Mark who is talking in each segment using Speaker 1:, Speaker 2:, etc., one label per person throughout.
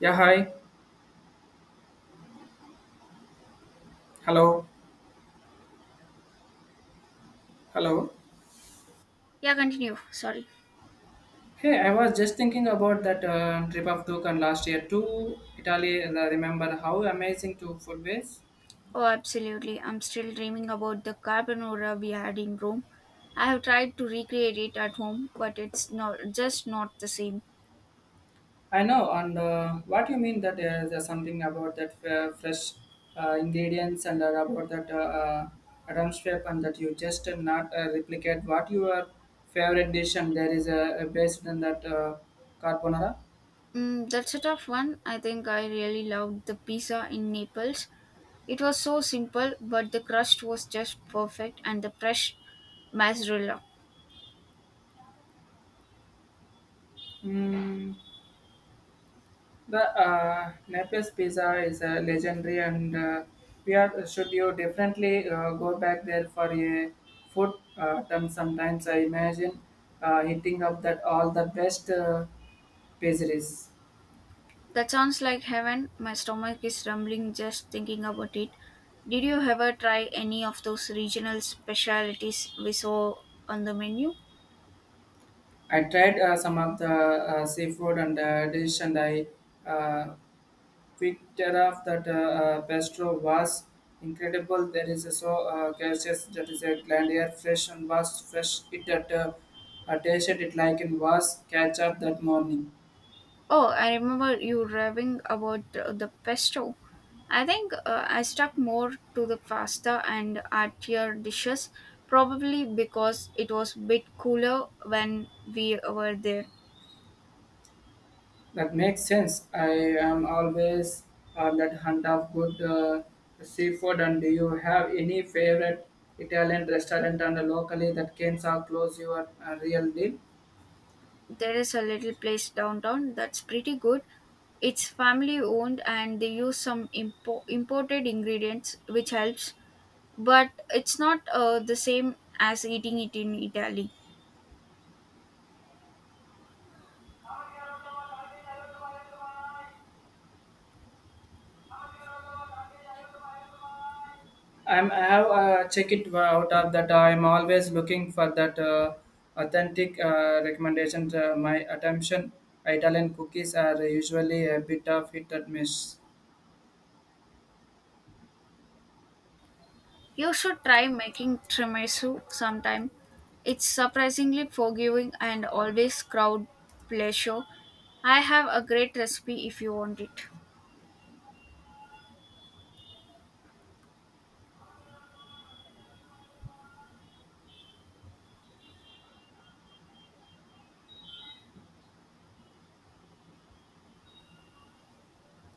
Speaker 1: Yeah, hi. Hello. Hello.
Speaker 2: Yeah, continue. Sorry.
Speaker 1: Hey, I was just thinking about that trip of Dukan last year to Italy. And I remember how amazing to food was.
Speaker 2: Oh, absolutely. I'm still dreaming about the carbonara we had in Rome. I have tried to recreate it at home, but it's not just not the same.
Speaker 1: I know, and what you mean that there's something about that fresh ingredients and about that atmosphere and that you just not replicate what your favorite dish and there is a based on that carbonara.
Speaker 2: Mm, that's a tough one. I think I really loved the pizza in Naples. It was so simple, but the crust was just perfect and the fresh mozzarella.
Speaker 1: Mm. The Naples pizza is legendary, and we are should you definitely go back there for a food term. Sometimes I imagine hitting up that all the best pizzeries.
Speaker 2: That sounds like heaven. My stomach is rumbling just thinking about it. Did you ever try any of those regional specialties we saw on the menu?
Speaker 1: I tried some of the seafood and dish, and I uh, picked it up that Bistro was incredible. There is a so gaseous that is a grand air fresh and was fresh. It that I tasted it like it was ketchup that morning.
Speaker 2: Oh, I remember you raving about the pesto. I think I stuck more to the pasta and artier dishes, probably because it was a bit cooler when we were there.
Speaker 1: That makes sense. I am always on that hunt of good seafood. And do you have any favorite Italian restaurant and locally that can so close your real deal?
Speaker 2: There is a little place downtown that's pretty good. It's family owned and they use some imported ingredients, which helps, but it's not the same as eating it in Italy.
Speaker 1: I have checked it out of that. I'm always looking for that authentic recommendation. My attention Italian cookies are usually a bit of hit and miss.
Speaker 2: You should try making tiramisu sometime. It's surprisingly forgiving and always crowd pleasure. I have a great recipe if you want it.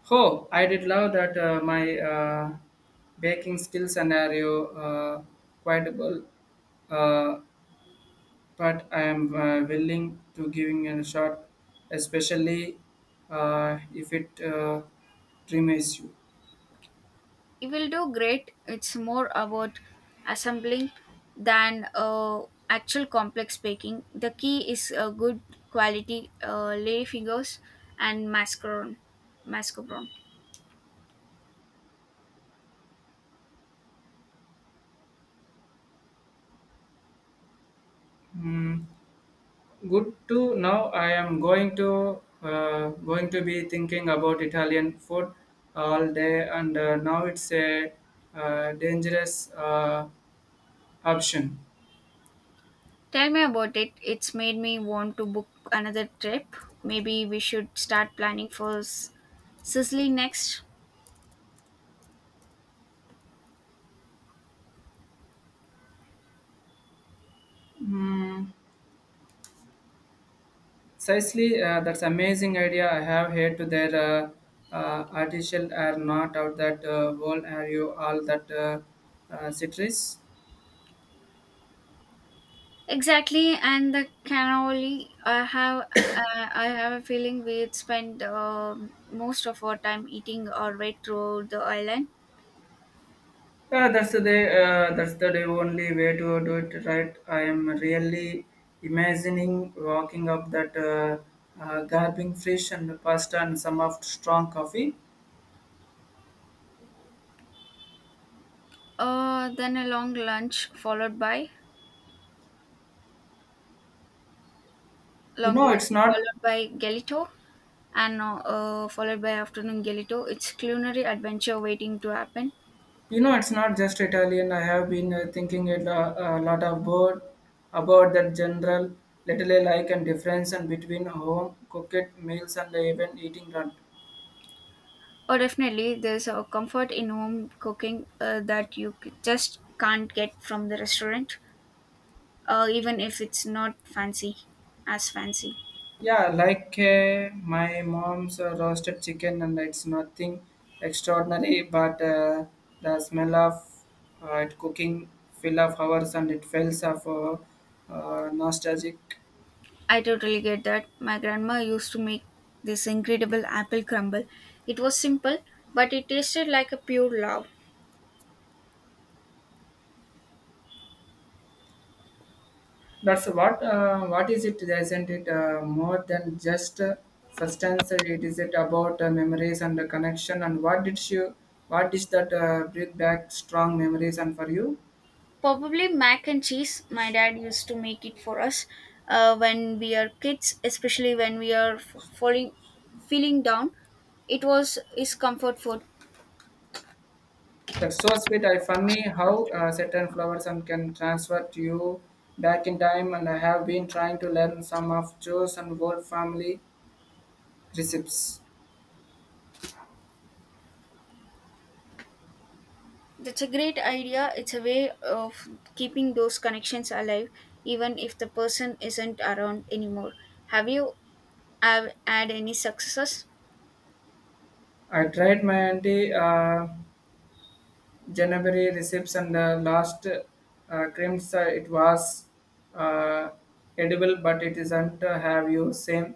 Speaker 1: Oh, I did love that my baking skill scenario quite well, uh, but I am willing to giving it a shot, especially if it dreams you.
Speaker 2: You will do great. It's more about assembling than actual complex baking. The key is a good quality lay fingers and mascarpone.
Speaker 1: Hmm. Good to now. I am going to be thinking about Italian food all day, and now it's a dangerous option.
Speaker 2: Tell me about it. It's made me want to book another trip. Maybe we should start planning for Sicily next.
Speaker 1: Mm, precisely, that's amazing idea I have here to their artificial are not out that wall are you all that citrus.
Speaker 2: Exactly, and the cannoli. I have a feeling we'd spend most of our time eating our way through the island.
Speaker 1: Yeah, that's the only way to do it right. I am really imagining walking up that garbling fish and pasta and some of strong coffee.
Speaker 2: Then a long lunch followed by
Speaker 1: You
Speaker 2: long
Speaker 1: know,
Speaker 2: lunch
Speaker 1: it's not
Speaker 2: followed by galito, and followed by afternoon galito. It's culinary adventure waiting to happen.
Speaker 1: you know, it's not just Italian. I have been thinking it, a lot about that general little like and difference and between home cooked meals and even eating out.
Speaker 2: Oh, definitely. There's a comfort in home cooking that just can't get from the restaurant, even if it's not as fancy.
Speaker 1: Yeah, like my mom's roasted chicken, and it's nothing extraordinary, but the smell of it cooking fill of hours and it feels of nostalgic.
Speaker 2: I totally get that. My grandma used to make this incredible apple crumble. It was simple, but it tasted like a pure love.
Speaker 1: That's what is it? Isn't it more than just substance? It is it about memories and the connection. And what did you? What is that bring back strong memories and for you?
Speaker 2: Probably mac and cheese. My dad used to make it for us when we are kids, especially when feeling down. It was his comfort food.
Speaker 1: That's so sweet. I funny how certain flowers and can transfer to you back in time. And I have been trying to learn some of Joe's and Gold family recipes.
Speaker 2: That's a great idea. It's a way of keeping those connections alive, even if the person isn't around anymore. Have you have had any successes?
Speaker 1: I tried my auntie January recipes and the last creams. It was uh, edible, but it isn't have you same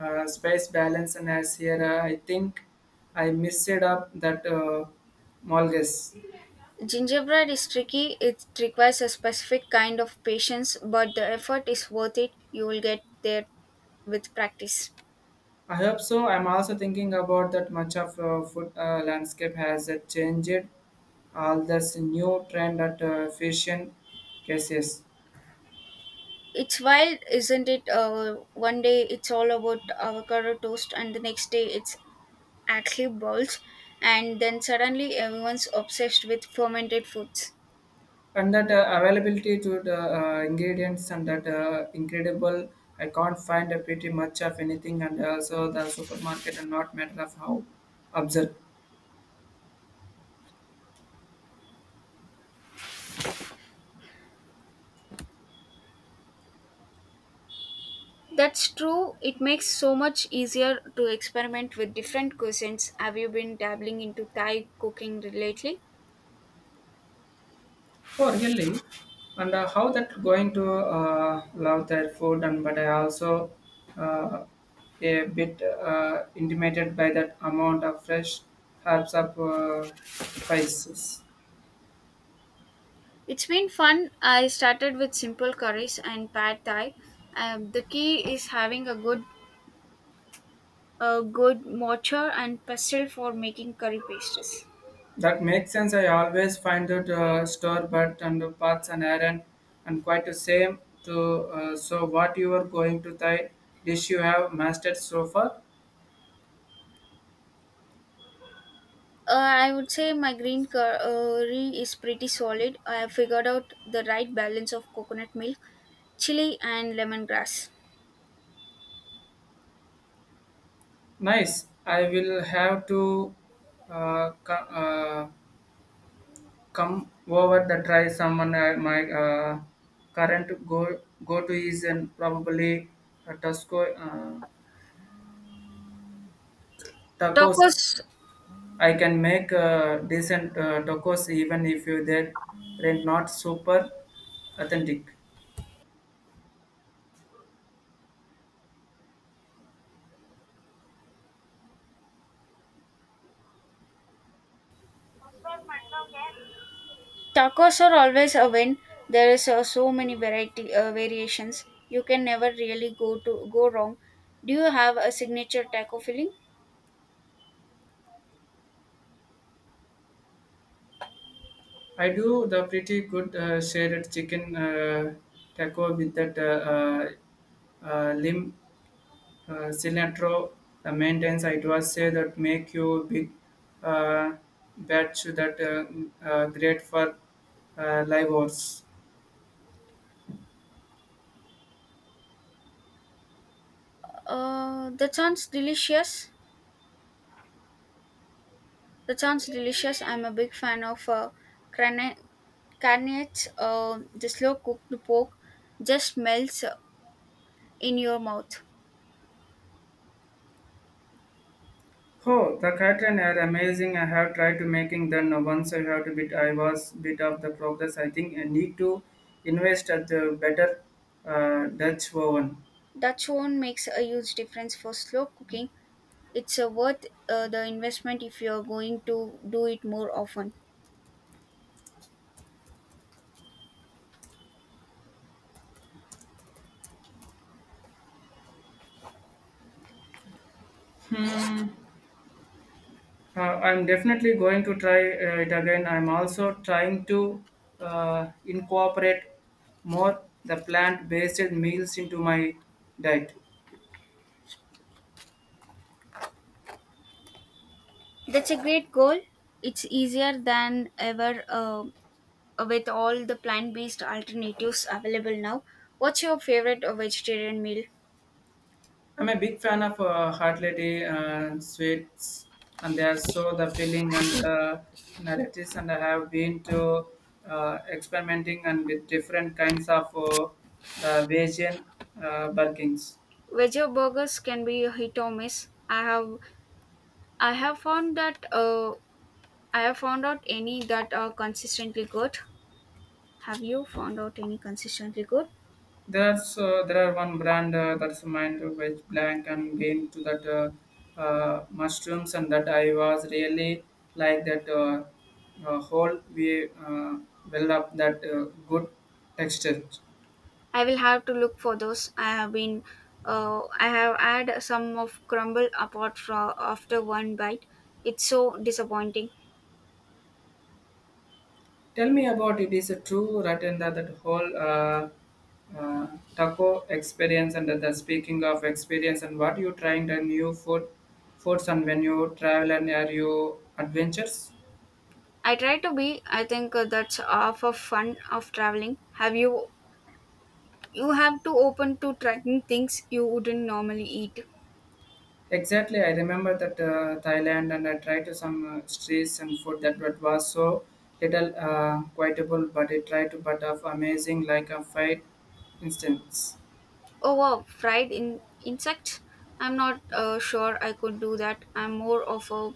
Speaker 1: space balance and as here. I think I missed up that malgus.
Speaker 2: Gingerbread is tricky. It requires a specific kind of patience, but the effort is worth it. You will get there with practice.
Speaker 1: I hope so. I'm also thinking about that much of food landscape has changed. All this new trend at fusion cases
Speaker 2: It's wild, isn't it? One day it's all about avocado toast, and the next day it's actually balls, and then suddenly everyone's obsessed with fermented foods.
Speaker 1: and that availability to the ingredients and that incredible. I can't find pretty much of anything and also the supermarket and not matter of how absurd.
Speaker 2: That's true. It makes so much easier to experiment with different cuisines. Have you been dabbling into Thai cooking lately?
Speaker 1: Oh, really? And how that going to love their food and but I also uh, a bit intimidated by that amount of fresh herbs of spices.
Speaker 2: It's been fun. I started with simple curries and pad Thai. The key is having a good mortar and pestle for making curry pastes.
Speaker 1: That makes sense. I always find that store but and the parts and iron and quite the same. To so what you are going to thy dish you have mastered so far.
Speaker 2: I would say my green curry is pretty solid. I have figured out the right balance of coconut milk, chili, and lemongrass.
Speaker 1: Nice. I will have to uh, co- uh, come over the try someone my current go go to is and probably a Tusco, tacos
Speaker 2: Tacos.
Speaker 1: I can make decent tacos even if you they're not super authentic.
Speaker 2: Tacos are always a win. There is so many variety variations. You can never really go wrong. Do you have a signature taco filling?
Speaker 1: I do the pretty good shredded chicken taco with that lim. Cilantro the maintenance it was say that make you big uh, batch that great for live oats.
Speaker 2: Uh, that sounds delicious. That sounds delicious. I'm a big fan of crane- carnets. The slow cooked pork just melts in your mouth.
Speaker 1: Oh, the Catalan are amazing. I have tried to making them once I have to bit I was bit of the progress. I think I need to invest at the better Dutch oven.
Speaker 2: That one makes a huge difference for slow cooking. It's worth the investment if you're going to do it more often.
Speaker 1: Hmm. I'm definitely going to try it again. I'm also trying to incorporate more the plant-based meals into my diet.
Speaker 2: That's a great goal. It's easier than ever with all the plant based alternatives available now. What's your favorite vegetarian meal?
Speaker 1: I'm a big fan of heartly sweets, and they are so the filling and narratives. And I have been to experimenting and with different kinds of the Bayesian burkings.
Speaker 2: Veggie burgers can be a hit or miss. I have found that I have found out any that are consistently good. Have you found out any consistently good?
Speaker 1: There's there are one brand that's mind which blank and game to that mushrooms and that I was really like that whole we build up that good texture.
Speaker 2: I will have to look for those. I have had some of crumble apart from after one bite. It's so disappointing.
Speaker 1: Tell me about it is a true right in that whole uh, taco experience and that the speaking of experience and what you trying the new food foods and when you travel and are you adventures.
Speaker 2: I try to be. I think that's half of fun of traveling. Have you You have to open to trying things you wouldn't normally eat.
Speaker 1: Exactly, I remember that Thailand, and I tried to some streets and food that what was so little quiteable, but I tried to but of amazing like a fight instance.
Speaker 2: Oh wow, fried in insects. I'm not sure I could do that. I'm more of a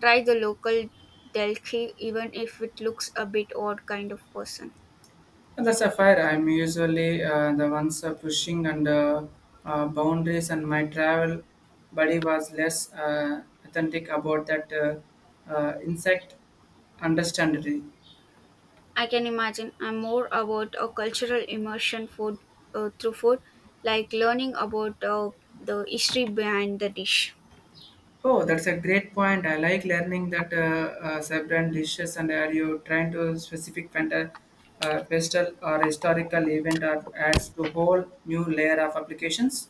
Speaker 2: try the local delicacy even if it looks a bit odd kind of person.
Speaker 1: And that's a fire. I'm usually the ones pushing and boundaries, and my travel buddy was less authentic about that insect understandably.
Speaker 2: I can imagine I'm more about a cultural immersion food through food, like learning about the history behind the dish.
Speaker 1: Oh, that's a great point. I like learning that several dishes and are you trying to specific festival or historical event or adds to whole new layer of applications?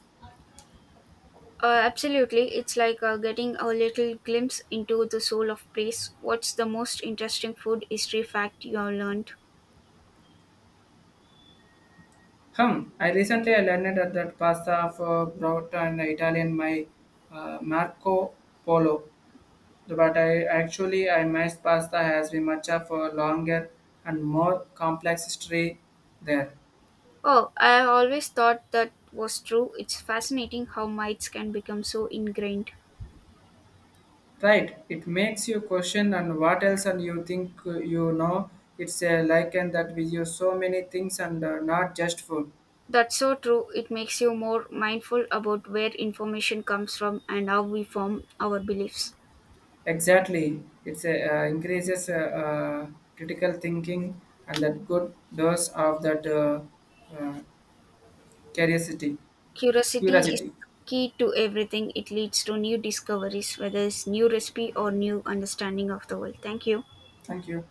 Speaker 2: Absolutely. It's like getting a little glimpse into the soul of place. What's the most interesting food history fact you have learned?
Speaker 1: Hum, I recently I learned that pasta for brought and Italian my Marco Polo, but I actually I missed pasta has been much of a longer and more complex history there.
Speaker 2: Oh, I have always thought that was true. It's fascinating how mites can become so ingrained.
Speaker 1: Right, it makes you question and what else and you think you know. It's a like and that we use so many things and not just food.
Speaker 2: That's so true. It makes you more mindful about where information comes from and how we form our beliefs.
Speaker 1: Exactly, it's a increases critical thinking and that good dose of that uh, curiosity.
Speaker 2: Curiosity is
Speaker 1: Curiosity.
Speaker 2: key to everything. It leads to new discoveries, whether it's new recipe or new understanding of the world. Thank you.
Speaker 1: Thank you.